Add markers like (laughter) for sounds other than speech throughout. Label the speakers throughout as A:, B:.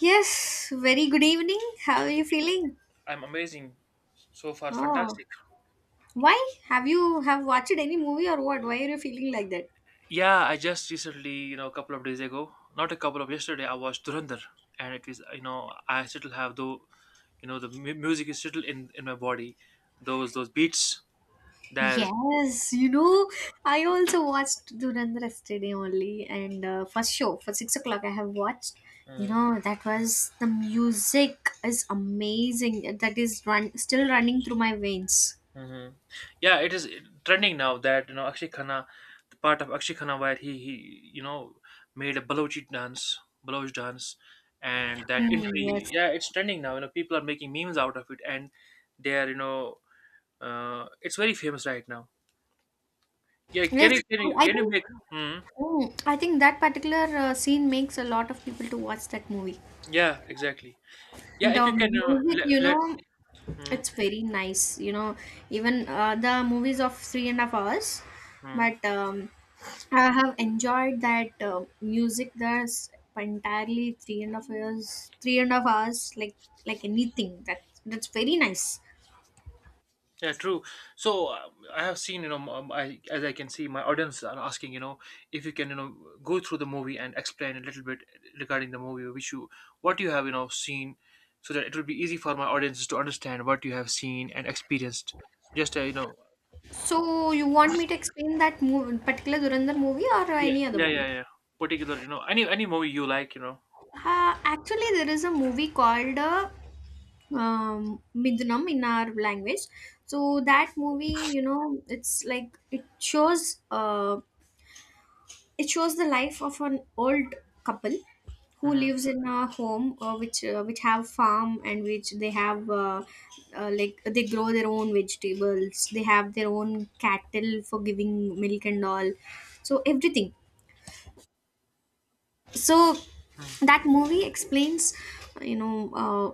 A: Yes, very good evening. How are
B: Good
A: you
B: evening.
A: feeling?
B: I'm amazing so far,
A: Oh,
B: fantastic.
A: why? Have you have watched any movie or what? Why are you feeling like that?
B: Yeah, I just recently, a couple of days ago, not a couple of yesterday, I watched Durandar, and it is, I still have though, the music is still in my body, those beats that.
A: Yes, you know, I also watched Durandar yesterday only, and first show for 6 o'clock I have watched. You know, that was the music is amazing. That is run still running through my veins.
B: Mm-hmm. Yeah, it is trending now that you know Akshay Khanna, the part of Akshay Khanna where he you know made a Balochi dance, Baloch dance, and that
A: Mm,
B: entry.
A: yes,
B: Yeah, it's trending now. You know, people are making memes out of it, and they are it's very famous right now. Yeah,
A: yes.
B: can you can
A: I,
B: you
A: I
B: can you
A: think
B: make? Hmm.
A: I think that particular scene makes a lot of people to watch that movie.
B: Yeah, exactly. Yeah, if
A: The
B: you can
A: music,
B: let
A: you
B: let.
A: know,
B: Hmm.
A: it's very nice. You know, even the movies of three and a half hours,
B: Hmm.
A: but I have enjoyed that music. There's entirely three and a half hours, three and a half hours, like anything. That's very nice.
B: Yeah, true. So I have seen, I as I can see, my audience are asking, you know, if you can, you know, go through the movie and explain a little bit regarding the movie, which you, what you have, you know, seen, so that it will be easy for my audiences to understand what you have seen and experienced. Just,
A: So you want me to explain that movie, particular Durandar movie or
B: yeah,
A: any other movie?
B: yeah. Particular, you know, any movie you like, you know.
A: Actually, there is a movie called Midunam in our language. So that movie, you know, it's like it shows the life of an old couple who
B: Hmm.
A: lives in a home which have farm and which they have like they grow their own vegetables. They have their own cattle for giving milk and all. So everything so
B: Hmm.
A: that movie explains you know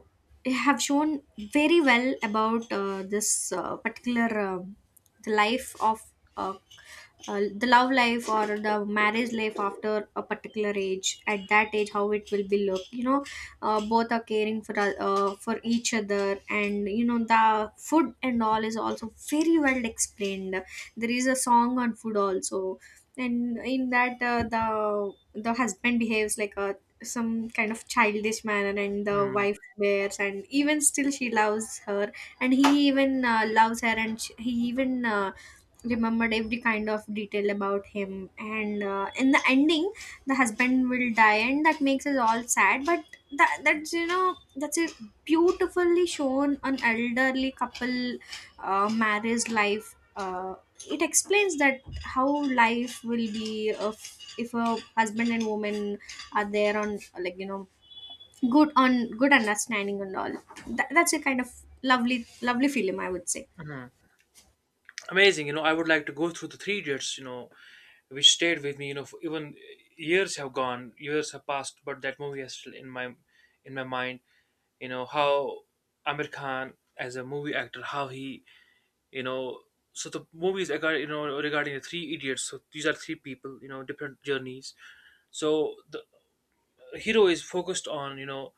A: they have shown very well about this particular the life of uh, the love life or the marriage life after a particular age at that age how it will be looked, you know both are caring for each other, and you know the food and all is also very well explained. There is a song on food also, and in that the husband behaves like a some kind of childish manner, and the
B: Hmm.
A: wife bears and even still she loves her, and he even loves her, and she, he even remembered every kind of detail about him, and in the ending the husband will die, and that makes us all sad. But that's you know that's a beautifully shown an elderly couple marriage life. It explains that how life will be if a husband and woman are there on like you know good on good understanding and all. That's a kind of lovely lovely film I would say.
B: Hmm. Amazing, you know. I would like to go through the Three Idiots, you know, which stayed with me, you know, for even years have gone, years have passed, but that movie is still in my mind. You know how Amir Khan as a movie actor, how he, you know. So the movies regard, you know, regarding the Three Idiots. So these are three people, you know, different journeys. So the hero is focused on, you know,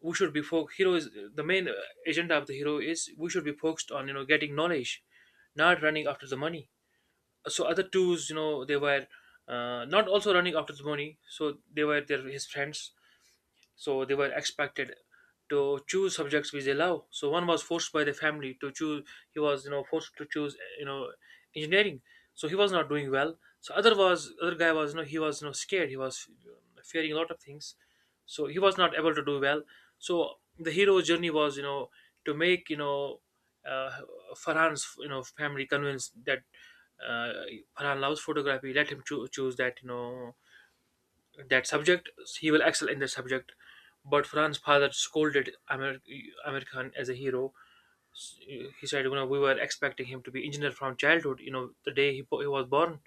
B: we should be hero is, the main agenda of the hero is, we should be focused on, you know, getting knowledge, not running after the money. So other twos, you know, they were not also running after the money, so they were there, his friends. So they were expected to choose subjects which they love. So one was forced by the family to choose. He was, you know, forced to choose, you know, engineering. So he was not doing well. So other was, other guy was, you know, he was, you know, scared. He was fearing a lot of things, so he was not able to do well. So the hero's journey was, you know, to make, you know, uh, Farhan's, you know, family convinced that, uh, Farhan loves photography, let him choose that, you know, that subject. He will excel in that subject. But Fran's father scolded Amir Khan as a hero. He said, you know, we were expecting him to be engineer from childhood. You know, the day he, he was born.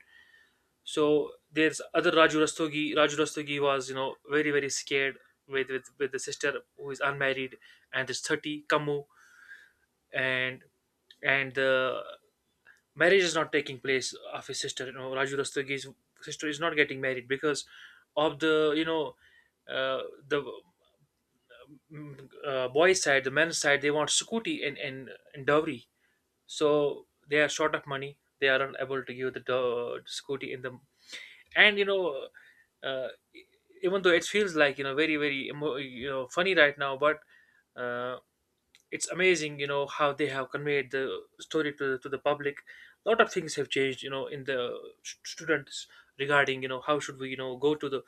B: So there's other Raju Rastogi. Raju Rastogi was, you know, very very scared with the sister who is unmarried and is 30 Kamu and the marriage is not taking place of his sister. You know, Raju Rastogi's sister is not getting married because of the you know uh, the boys' side, the men's side. They want Sukuti and, and dowry, so they are short of money. They are unable to give the Sukuti in the and you know. Uh, Even though it feels like, you know, very very you know funny right now, but uh, it's amazing, you know, how they have conveyed the story to to the public. A lot of things have changed, you know, in the students, regarding, you know, how should we, you know, go to the,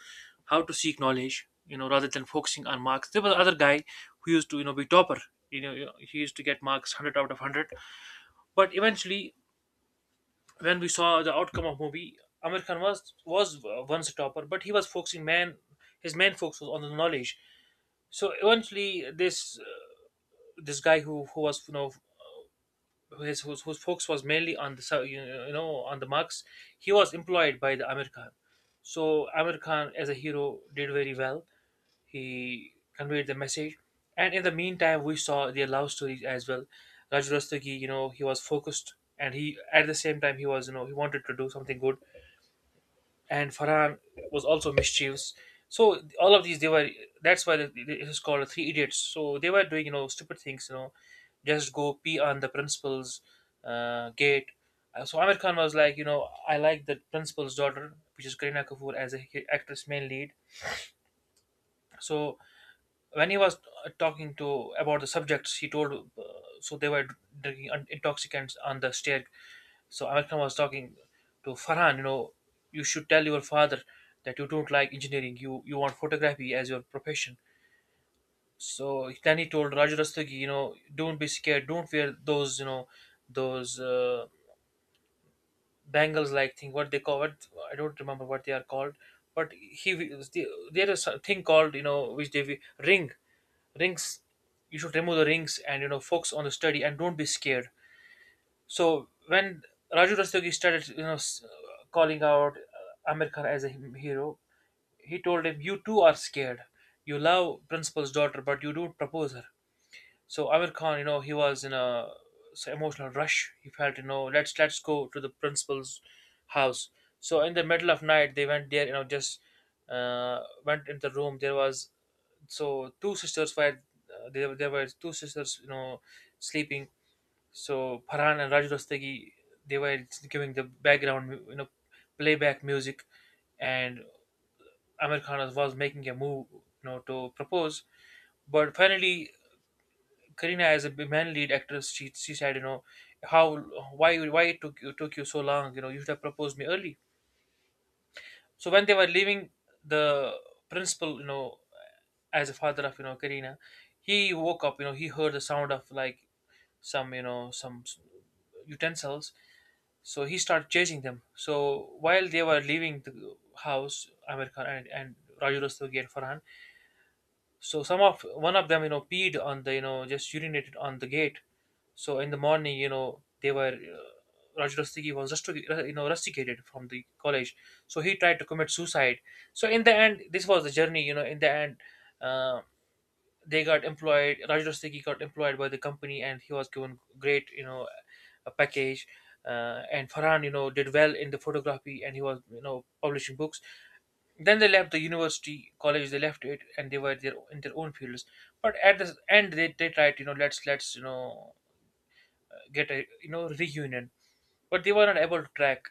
B: how to seek knowledge, you know, rather than focusing on marks. There was other guy who used to, you know, be topper, you know, he used to get marks 100 out of 100, but eventually, when we saw the outcome of movie, Amir Khan was once a topper, but he was focusing man, his main focus was on the knowledge. So eventually this this guy who was, you know, his whose focus was mainly on the you know, on the marks, he was employed by the Amir Khan. So Amir Khan as a hero did very well, he conveyed the message. And in the meantime we saw their love stories as well. Raju Rastagi, you know, he was focused, and he, at the same time, he was, you know, he wanted to do something good. And Farhan was also mischievous. So all of these, they were. That's why it is called Three Idiots. So they were doing, you know, stupid things. You know, just go pee on the principal's gate. So Amir Khan was like, you know, I like the principal's daughter, which is Kareena Kapoor as a actress main lead. So when he was talking to about the subjects, he told so they were drinking intoxicants on the stair. So Amir Khan was talking to Farhan. You know, you should tell your father that you don't like engineering. You want photography as your profession. So then he told Raju Rastagi, you know, don't be scared. Don't wear those, you know, those bangles like thing, what they call, what I don't remember what they are called. But he, there is something called, you know, which they ring, rings, you should remove the rings and, you know, focus on the study and don't be scared. So when Raju Rastogi started, you know, calling out, Amir Khan as a hero, he told him, you too are scared. You love principal's daughter but you don't propose her. So Amir Khan, you know, he was in a so emotional rush. He felt, you know, let's go to the principal's house. So in the middle of night, they went there. You know, just went in the room. There was so two sisters were there. There were two sisters, you know, sleeping. So Farhan and Raj Rastagi, they were giving the background, you know, playback music, and Amir Khan was making a move, you know, to propose. But finally, Karina as a man lead actress, she said, you know, how why it took you so long? You know, you should have proposed me early. So when they were leaving, the principal, you know, as a father of you know Karina, he woke up. You know, he heard the sound of like some, you know, some utensils. So he started chasing them. So while they were leaving the house, America and, Raju Rastogi and Farhan. So some of one of them, you know, peed on the, you know, just urinated on the gate. So in the morning, you know, they were Raju Rastigi was you know rusticated from the college. So he tried to commit suicide. So in the end, this was the journey. You know, in the end, uh, they got employed. Raju Rastigi got employed by the company, and he was given great, you know, a package. And Farhan, you know, did well in the photography, and he was, you know, publishing books. Then they left the university college, they left it, and they were their, in their own fields. But at the end they tried, you know, let's you know get a, you know, reunion, but they were not able to track,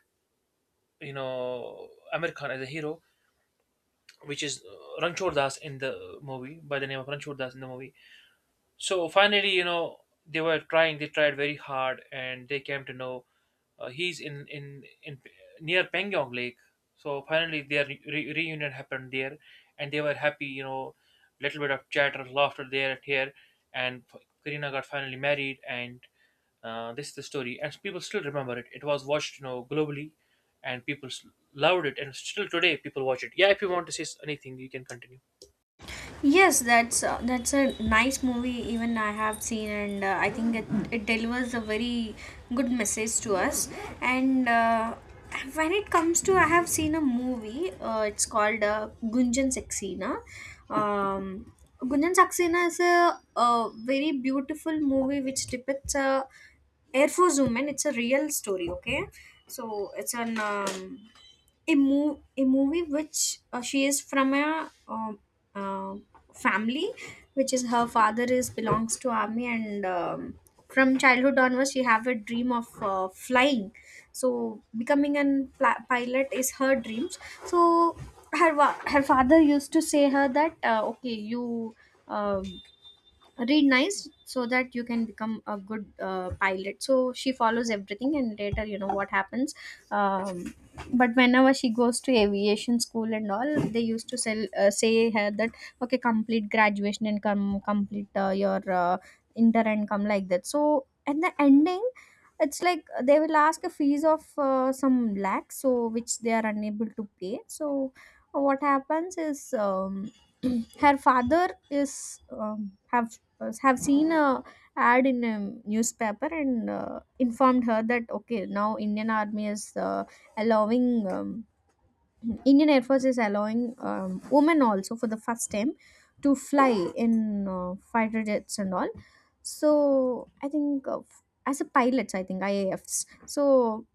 B: you know, Amir Khan as a hero, which is Ranchor Das in the movie, by the name of Ranchor Das in the movie. So finally, you know, they were trying. They tried very hard, and they came to know he's in near Pengyong Lake. So finally, their reunion happened there, and they were happy. You know, little bit of chatter, laughter there and here, and Karina got finally married, and this is the story. And people still remember it. It was watched, you know, globally, and people loved it, and still today people watch it. Yeah, if you want to say anything, you can continue.
A: Yes, that's a nice movie. Even I have seen, and I think it, it delivers a very good message to us. And when it comes to, I have seen a movie. It's called Gunjan Saxena. Um, Gunjan Saxena is a very beautiful movie which depicts a Air Force woman. It's a real story. Okay, so it's an a, a movie which she is from a uh, family which is her father is belongs to army, and from childhood onwards she have a dream of flying, so becoming an pilot is her dreams. So her father used to say her that okay, you um read nice so that you can become a good pilot. So she follows everything, and later you know what happens. um, but whenever she goes to aviation school and all, they used to sell say her that okay complete graduation and come complete your inter and come like that. So at the ending it's like they will ask a fees of some lakhs so which they are unable to pay. So what happens is (clears throat) her father is have seen a ad in a newspaper, and informed her that okay now Indian Army is allowing um, Indian Air Force is allowing women also for the first time to fly in fighter jets and all. So I think as a pilots I think IAFs. So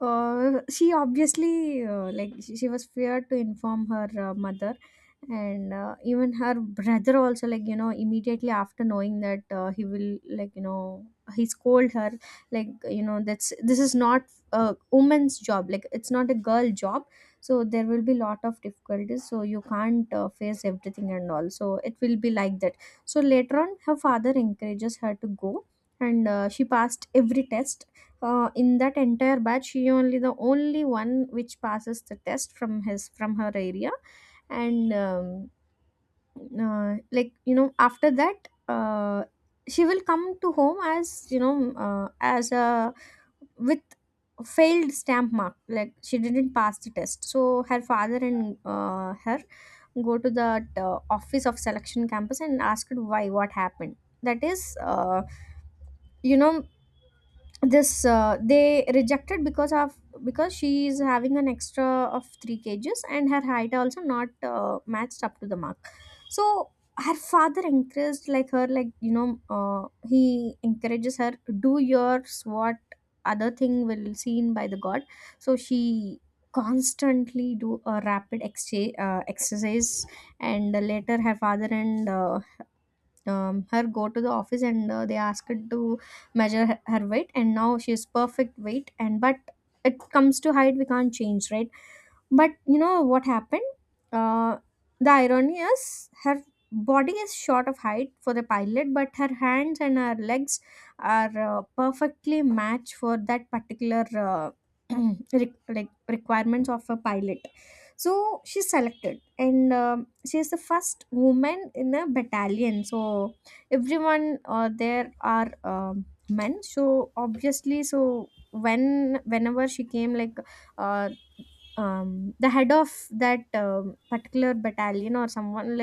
A: she obviously like she was feared to inform her mother, and even her brother also like you know immediately after knowing that he will like you know he scold her, like you know that's this is not a woman's job, like it's not a girl job. So there will be lot of difficulties so you can't face everything and all, so it will be like that. So later on her father encourages her to go, and she passed every test. In that entire batch she only the only one which passes the test from his from her area. And like you know after that she will come to home as you know as a with failed stamp mark, like she didn't pass the test. So her father and her go to the office of selection campus and asked why what happened. That is you know this they rejected because of because she is having an extra of 3 kgs and her height also not matched up to the mark. So her father encouraged like her like you know he encourages her do yours what other thing will seen by the god. So she constantly do a rapid exchange exercise. And later her father and her go to the office, and they asked her to measure her weight, and now she is perfect weight, and but it comes to height we can't change, right? But you know what happened? Uh, the irony is her body is short of height for the pilot, but her hands and her legs are perfectly matched for that particular (clears throat) like requirements of a pilot. So she's selected, and she is the first woman in a battalion. So everyone there are men. So obviously, so when whenever she came like uh, the head of that particular battalion or someone,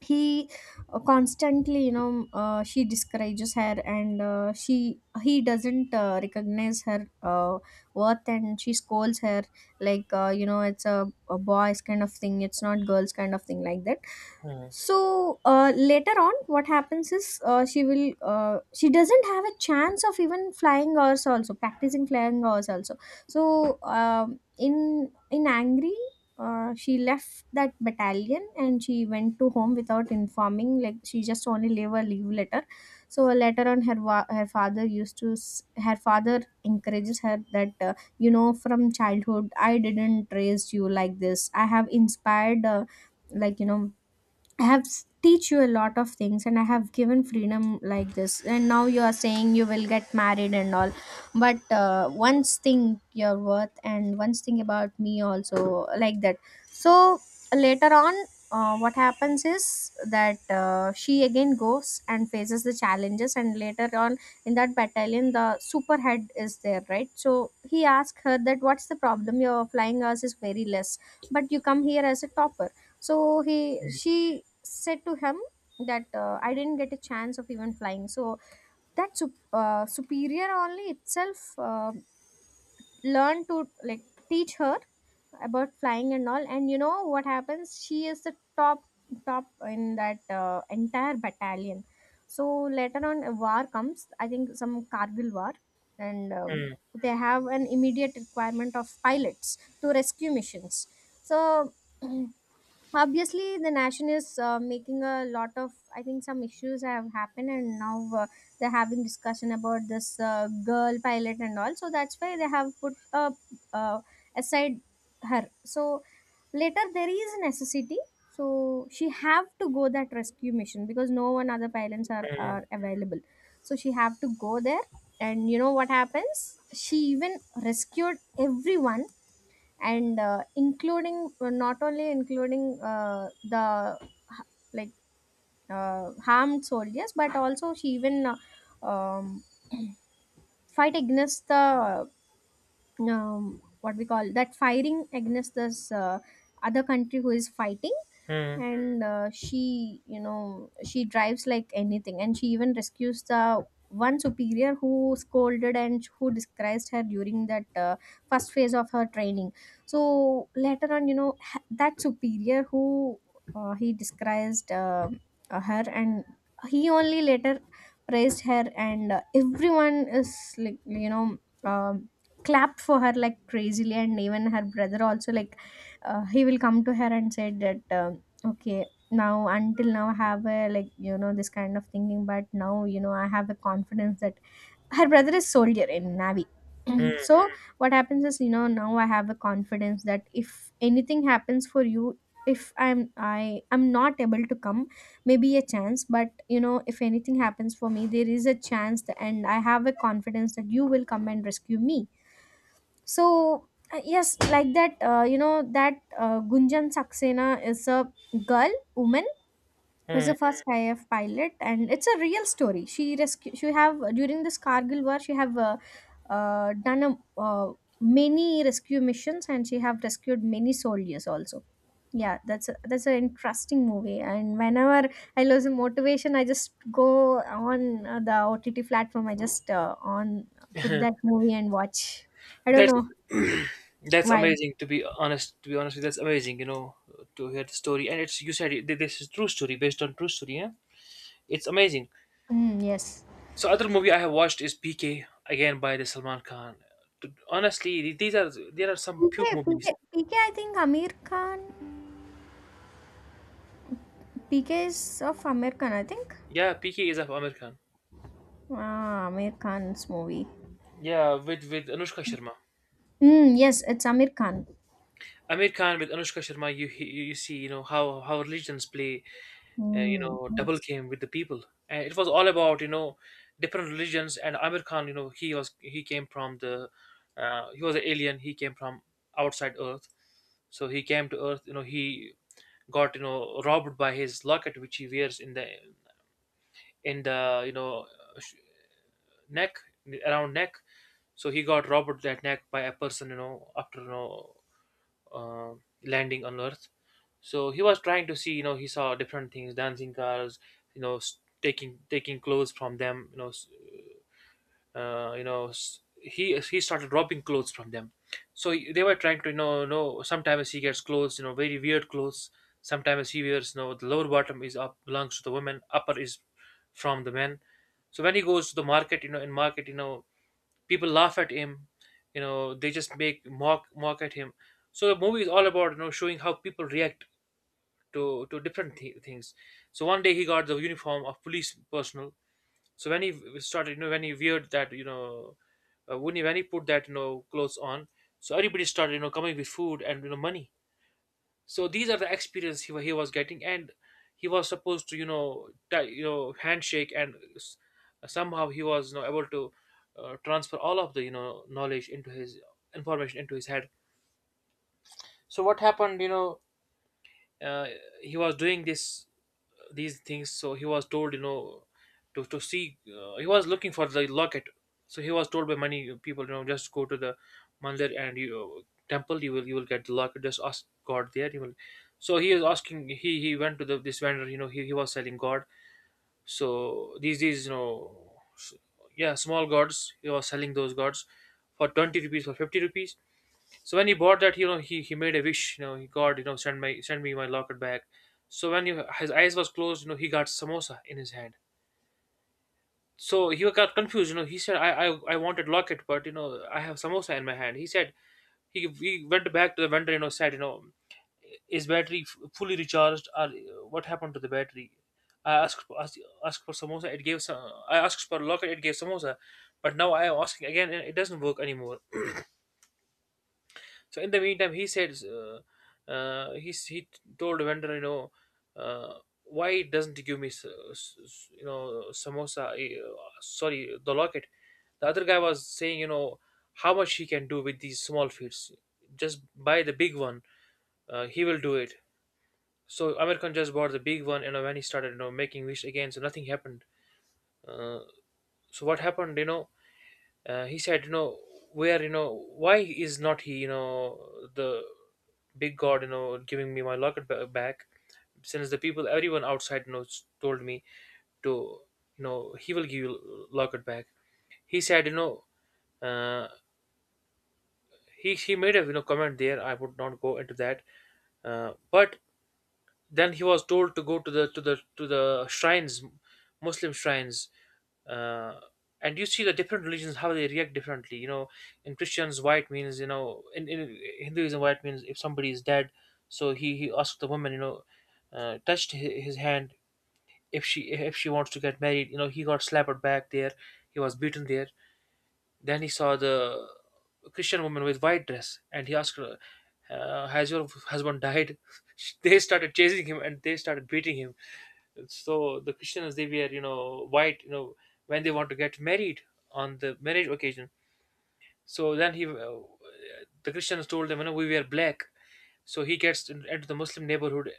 A: he constantly you know she discourages her, and she he doesn't recognize her worth, and she scolds her like you know it's a boys kind of thing, it's not girls kind of thing, like that.
B: Hmm.
A: So later on what happens is she will she doesn't have a chance of even flying hours also practicing flying hours also. So in angry she left that battalion, and she went to home without informing, like she just only leave a leave letter. So later on her father used to her father encourages her that you know from childhood I didn't raise you like this. I have inspired like you know I have teach you a lot of things, and I have given freedom like this, and now you are saying you will get married and all. But once thing your worth and once thing about me also, like that. So later on what happens is that she again goes and faces the challenges, and later on in that battalion the superhead is there, right? So he asks her that what's the problem your flying hours is very less but you come here as a topper. So he she said to him that I didn't get a chance of even flying. So that superior only itself learned to like teach her about flying and all. And you know what happens? She is the top in that entire battalion. So later on, a war comes. I think some Kargil war, and
B: Hmm.
A: they have an immediate requirement of pilots to rescue missions. So (clears throat) obviously the nation is making a lot of I think some issues have happened, and now they're having discussion about this girl pilot and all, so that's why they have put uh, aside her. So later there is a necessity, so she have to go that rescue mission because no one other pilots
B: Hmm.
A: are available. So she have to go there, and you know what happens, she even rescued everyone, and including not only including the like harmed soldiers but also she even uh, um, (clears throat) fight against the what we call that firing against this other country who is fighting.
B: Hmm.
A: And she you know she drives like anything, and she even rescues the one superior who scolded and who disgraced her during that first phase of her training. So later on you know that superior who he disgraced her, and he only later praised her, and everyone is like you know um, clapped for her like crazily. And even her brother also like he will come to her and said that okay. Now, until now, I have a like you know this kind of thinking, but now you know I have a confidence that her brother is soldier in navy.
B: Hmm.
A: So what happens is, you know, now I have a confidence that if anything happens for you, if I'm not able to come, maybe a chance, but you know if anything happens for me, there is a chance, that, and I have a confidence that you will come and rescue me. So. Yes, like that, you know, that Gunjan Saxena is a girl, woman, was
B: Hmm.
A: the first IF pilot, and it's a real story. She rescue. She have during this Kargil war, she have done many rescue missions, and she have rescued many soldiers also. Yeah, that's an interesting movie. And whenever I lose motivation, I just go on the OTT platform. I just on put that movie and watch. I don't
B: That's
A: know
B: (clears throat) That's
A: why.
B: amazing. To be honest, with you, that's amazing. You know, to hear the story, and it's you said it, this is true story, based on true story. Yeah, it's amazing.
A: Mm, yes.
B: So other movie I have watched is PK again by the Salman Khan. Honestly, th- these are there are some
A: P
B: few
A: K. P K.
B: movies.
A: P K. I think Amir Khan. PK is of Amir Khan, I think.
B: Yeah, PK is of Amir Khan.
A: Ah, Amir Khan's movie.
B: Yeah, with Anushka Sharma.
A: Mm, yes, it's Amir Khan.
B: Amir Khan with Anushka Sharma. You see, you know how religions play, you
A: Mm,
B: know, double
A: yes.
B: game with the people, and it was all about, you know, different religions. And amir khan, you know, he came from the, he was an alien. He came from outside Earth. So he came to Earth. You know, he got, you know, robbed by his locket, which he wears in the, you know, sh- neck, around neck. So he got robbed that neck by a person, you know, after you know uh, landing on Earth. So he was trying to see, you know, he saw different things, dancing cars, you know, taking clothes from them, you know, he started robbing clothes from them. So they were trying to know sometimes he gets clothes, you know, very weird clothes. Sometimes he wears, you know, the lower bottom is up, belongs to the women, upper is from the men. So when he goes to the market, you know, in market, you know, people laugh at him. You know, they just make mock at him. So the movie is all about, you know, showing how people react to different things. So one day he got the uniform of police personnel. So when he weird that, you know, when he put that, you know, clothes on. So everybody started, you know, coming with food and, you know, money. So these are the experience he was getting, and he was supposed to, you know, handshake, and somehow he was, you know, able to, transfer all of the, you know, knowledge into his information into his head. So what happened, you know? uh, he was doing this these things. So he was told, you know, to see, he was looking for the locket. So he was told by many people, you know, just go to the mandir and you temple, you will get the locket, just ask god there, you will. So he is asking, he went to the this vendor, you know, he was selling god. So these you know s- yeah, small gods, he was selling those gods for 20 rupees, for 50 rupees. So when he bought that, you know, he made a wish, you know, he God, you know, send me my locket back. So when you, his eyes was closed, you know, he got samosa in his hand. So he got confused, you know. He said, I wanted locket, but, you know, I have samosa in my hand. He went back to the vendor, you know, said, you know, is battery fully recharged, or what happened to the battery? I asked for samosa, it gave some. I asked for locket, it gave samosa, but now I am asking again, and it doesn't work anymore. So in the meantime, he said, he told vendor, you know, uh, why doesn't he give me, you know, samosa? Sorry, the locket. The other guy was saying, you know, how much he can do with these small feats. Just buy the big one. He will do it. So American just bought the big one, you know, when he started, you know, making wish again. So nothing happened. Uh, so what happened, you know? He said, you know, where, you know, why is not he, you know, the big god, you know, giving me my locket back, since the people, everyone outside, you know, told me to, you know, he will give you locket back. He said, you know, uh, he made a, you know, comment there. I would not go into that. But then he was told to go to the shrines, Muslim shrines. uh, and you see the different religions how they react differently, you know. In christians, white means, you know, in hinduism, white means if somebody is dead. So he asked the woman, you know, touched his hand, if she wants to get married, you know. He got slapped back there, he was beaten there. Then he saw the Christian woman with white dress, and he asked her, has your husband died? (laughs) They started chasing him and they started beating him. So the Christians, they wear, you know, white, you know, when they want to get married, on the marriage occasion. So then he the Christians told them, you know, we wear black. So he gets into the Muslim neighborhood,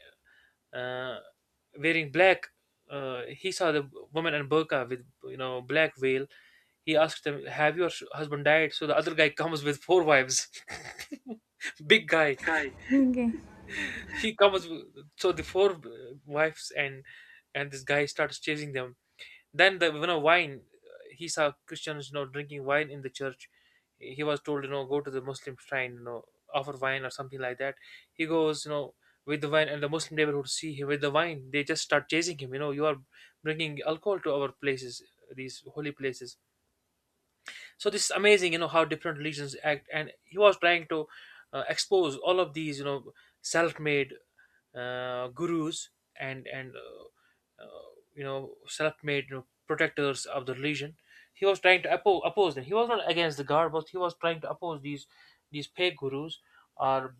B: uh, wearing black. He saw the woman in burqa with, you know, black veil. He asked them, have your husband died? So the other guy comes with four wives. (laughs) Big guy.
A: Hi. Okay.
B: He comes with, so the four wives, and this guy starts chasing them. Then the you know wine, he saw Christians, you know, drinking wine in the church. He was told, you know, go to the Muslim shrine, you know, offer wine or something like that. He goes, you know, with the wine, and the Muslim neighborhood see him with the wine. They just start chasing him. You know, you are bringing alcohol to our places, these holy places. So this is amazing, you know, how different religions act, and he was trying to, expose all of these, you know, self-made gurus, and uh, you know, self-made, you know, protectors of the religion. He was trying to oppose them. He was not against the god, but he was trying to oppose these fake gurus, or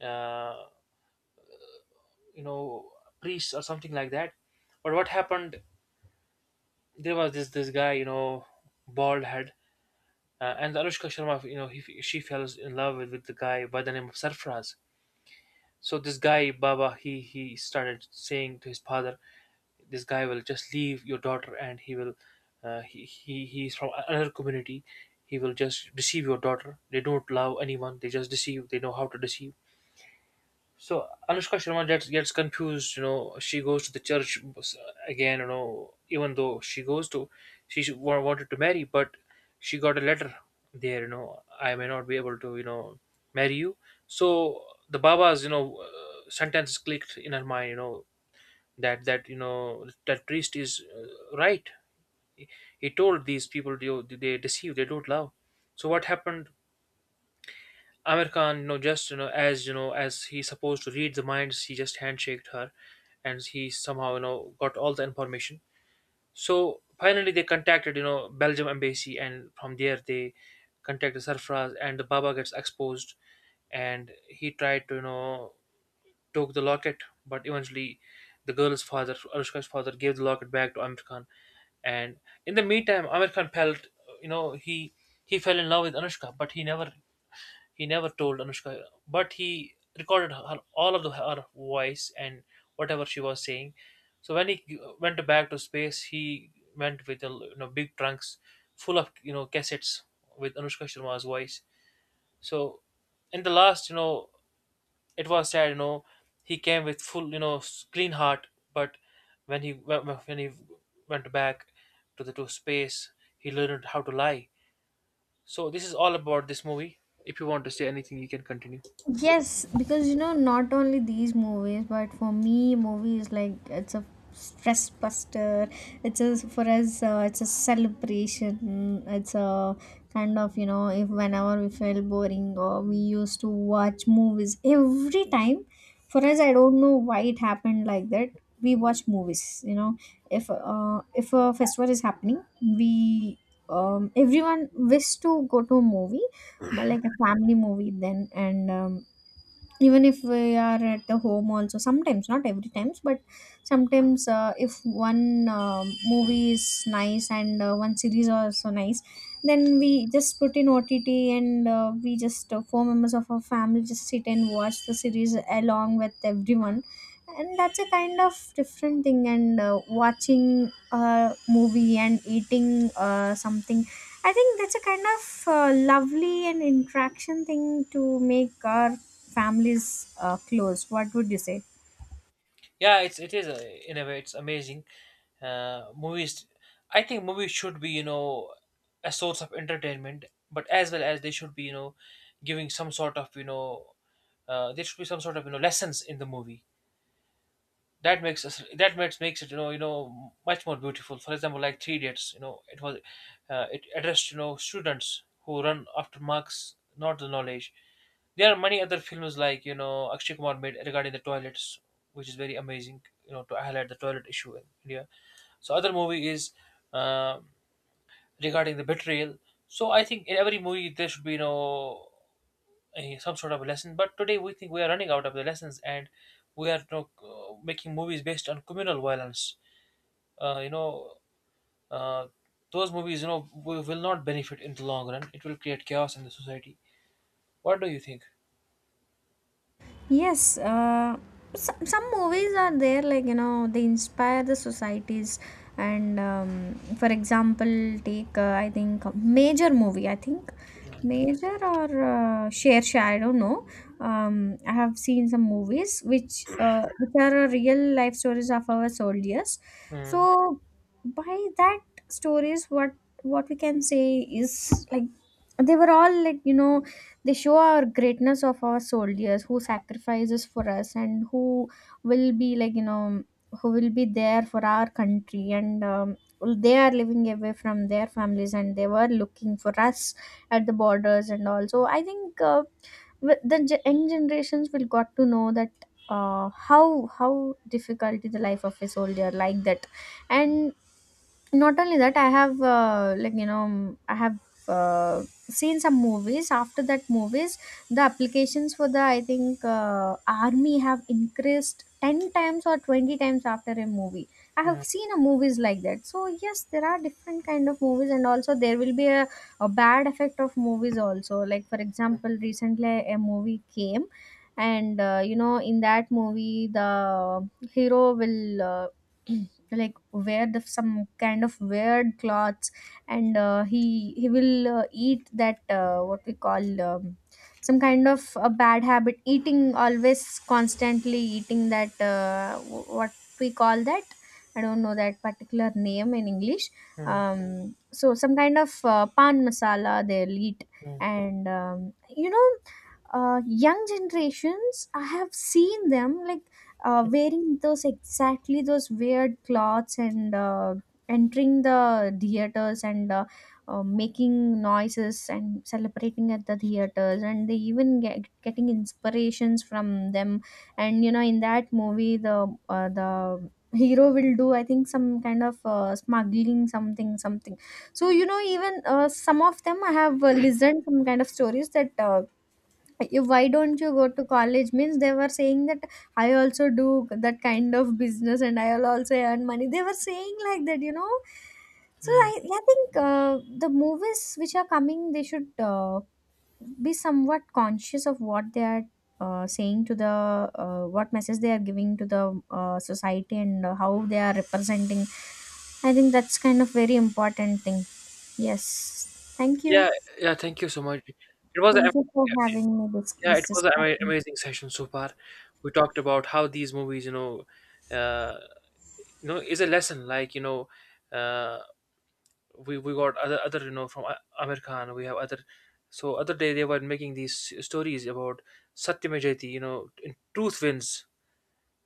B: uh, you know, priests or something like that. But what happened, there was this guy, you know, bald head. And Anushka Sharma, you know, she fell in love with the guy by the name of Sarfaraz. So this guy Baba, he started saying to his father, "This guy will just leave your daughter, and he's from another community. He will just deceive your daughter. They don't love anyone. They just deceive. They know how to deceive." So Anushka Sharma gets confused. You know, she goes to the church again. You know, even though she goes to, she sh- wa- wanted to marry, but she got a letter there. You know, I may not be able to, you know, marry you. So the Baba's, you know, sentence clicked in her mind. You know that, that priest is right. He, he told these people, they deceive. They don't love. So what happened? Amir Khan, you know, as you know, as he's supposed to read the minds, he just handshaked her, and he somehow, you know, got all the information. So finally, they contacted, you know, Belgium embassy, and from there they contacted Sarfraz, and the Baba gets exposed, and he tried to, you know, took the locket, but eventually, the girl's father, Anushka's father, gave the locket back to Amir Khan, and in the meantime, Amir Khan felt, you know, he fell in love with Anushka, but he never told Anushka, but he recorded her all of the, her voice and whatever she was saying. So when he went back to space, he went with a, you know, big trunks full of, you know, cassettes with Anushka Sharma's voice. So in the last, you know, it was sad. You know, he came with full, you know, clean heart, but when he went back to the to space, he learned how to lie. So this is all about this movie. If you want to say anything, you can continue.
A: Yes, because you know, not only these movies, but for me, movies like, it's a stress buster. It's a for us, it's a celebration. It's a kind of, you know, if whenever we felt boring or we used to watch movies every time. For us, I don't know why it happened like that. We watch movies. You know, if a festival is happening, we everyone wish to go to a movie, like a family movie then and. Even if we are at the home also, sometimes, not every times, but sometimes, if one movie is nice and one series also nice, then we just put in ott and we just four members of our family just sit and watch the series along with everyone, and that's a kind of different thing. And watching a movie and eating something, I think that's a kind of lovely and interaction thing to make our families close. What would you say?
B: Yeah, it's it is a, in a way it's amazing. Movies, I think movies should be, you know, a source of entertainment, but as well as they should be, you know, giving some sort of you know there should be some sort of, you know, lessons in the movie that makes us that makes it, you know, much more beautiful. For example, like Three Idiots, you know, it addressed, you know, students who run after marks, not the knowledge. There are many other films like, you know, Akshay Kumar made regarding the toilets, which is very amazing, you know, to highlight the toilet issue in India. So other movie is uh, regarding the betrayal. So I think in every movie there should be, you know, some sort of a lesson. But today we think we are running out of the lessons, and we are, you know, making movies based on communal violence. Uh, you know. Uh, those movies, you know, will not benefit in the long run. It will create chaos in the society. What do you think?
A: Yes, some movies are there, like, you know, they inspire the societies. And for example, take, I think, Major movie, I think.
B: Mm.
A: Major or Share, Share, I don't know. I have seen some movies which are real life stories of our soldiers.
B: Mm,
A: So, by that stories, what we can say is like they were all like, you know, they show our greatness of our soldiers who sacrifices for us and who will be like, you know, who will be there for our country. And they are living away from their families, and they were looking for us at the borders. And also I think, young generations will got to know that how difficult is the life of a soldier, like that. And not only that, I have like you know, I have uh, seen some movies. After that movies, the applications for the, I think, army have increased 10 times or 20 times after a movie I have
B: mm,
A: seen. A movies like that. So yes, there are different kind of movies, and also there will be a bad effect of movies also. Like for example, recently a movie came, and you know, in that movie the hero will (clears throat) like wear the some kind of weird clothes. And he will eat that what we call, some kind of a bad habit, eating, always constantly eating that what we call that, I don't know that particular name in English.
B: mm,
A: Um, so some kind of pan masala they'll eat.
B: mm,
A: And you know, young generations, I have seen them like wearing those, exactly those weird clothes, and entering the theaters, and making noises and celebrating at the theaters, and they even getting inspirations from them. And you know, in that movie, the hero will do, I think, some kind of smuggling, something something. So you know, even some of them, I have listened some kind of stories that, you why don't you go to college, means they were saying that I also do that kind of business, and I'll also earn money, they were saying like that, you know. So
B: mm.
A: I think the movies which are coming, they should be somewhat conscious of what they are saying to the, what message they are giving to the society, and how they are representing. I think that's kind of very important thing. Yes, thank you.
B: Yeah, yeah. Thank you so much. It was a,
A: Thank you for having me
B: yeah,
A: this
B: it was an
A: discussion.
B: amazing session so far. We talked about how these movies, you know, uh, is a lesson. Like, you know, uh, we got other, you know, from Amir Khan. We have other. So other day they were making these stories about Satyamajayati. You know, in truth wins.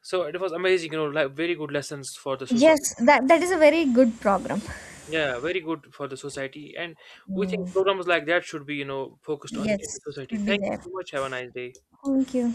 B: So it was amazing. You know, like very good lessons for the society.
A: Yes, that that is a very good program.
B: Yeah, very good for the society. And we
A: Mm.
B: think programs like that should be, you know, focused on in
A: Yes,
B: the society.
A: should be
B: Thank you
A: there.
B: so much. Have a nice day.
A: Thank you.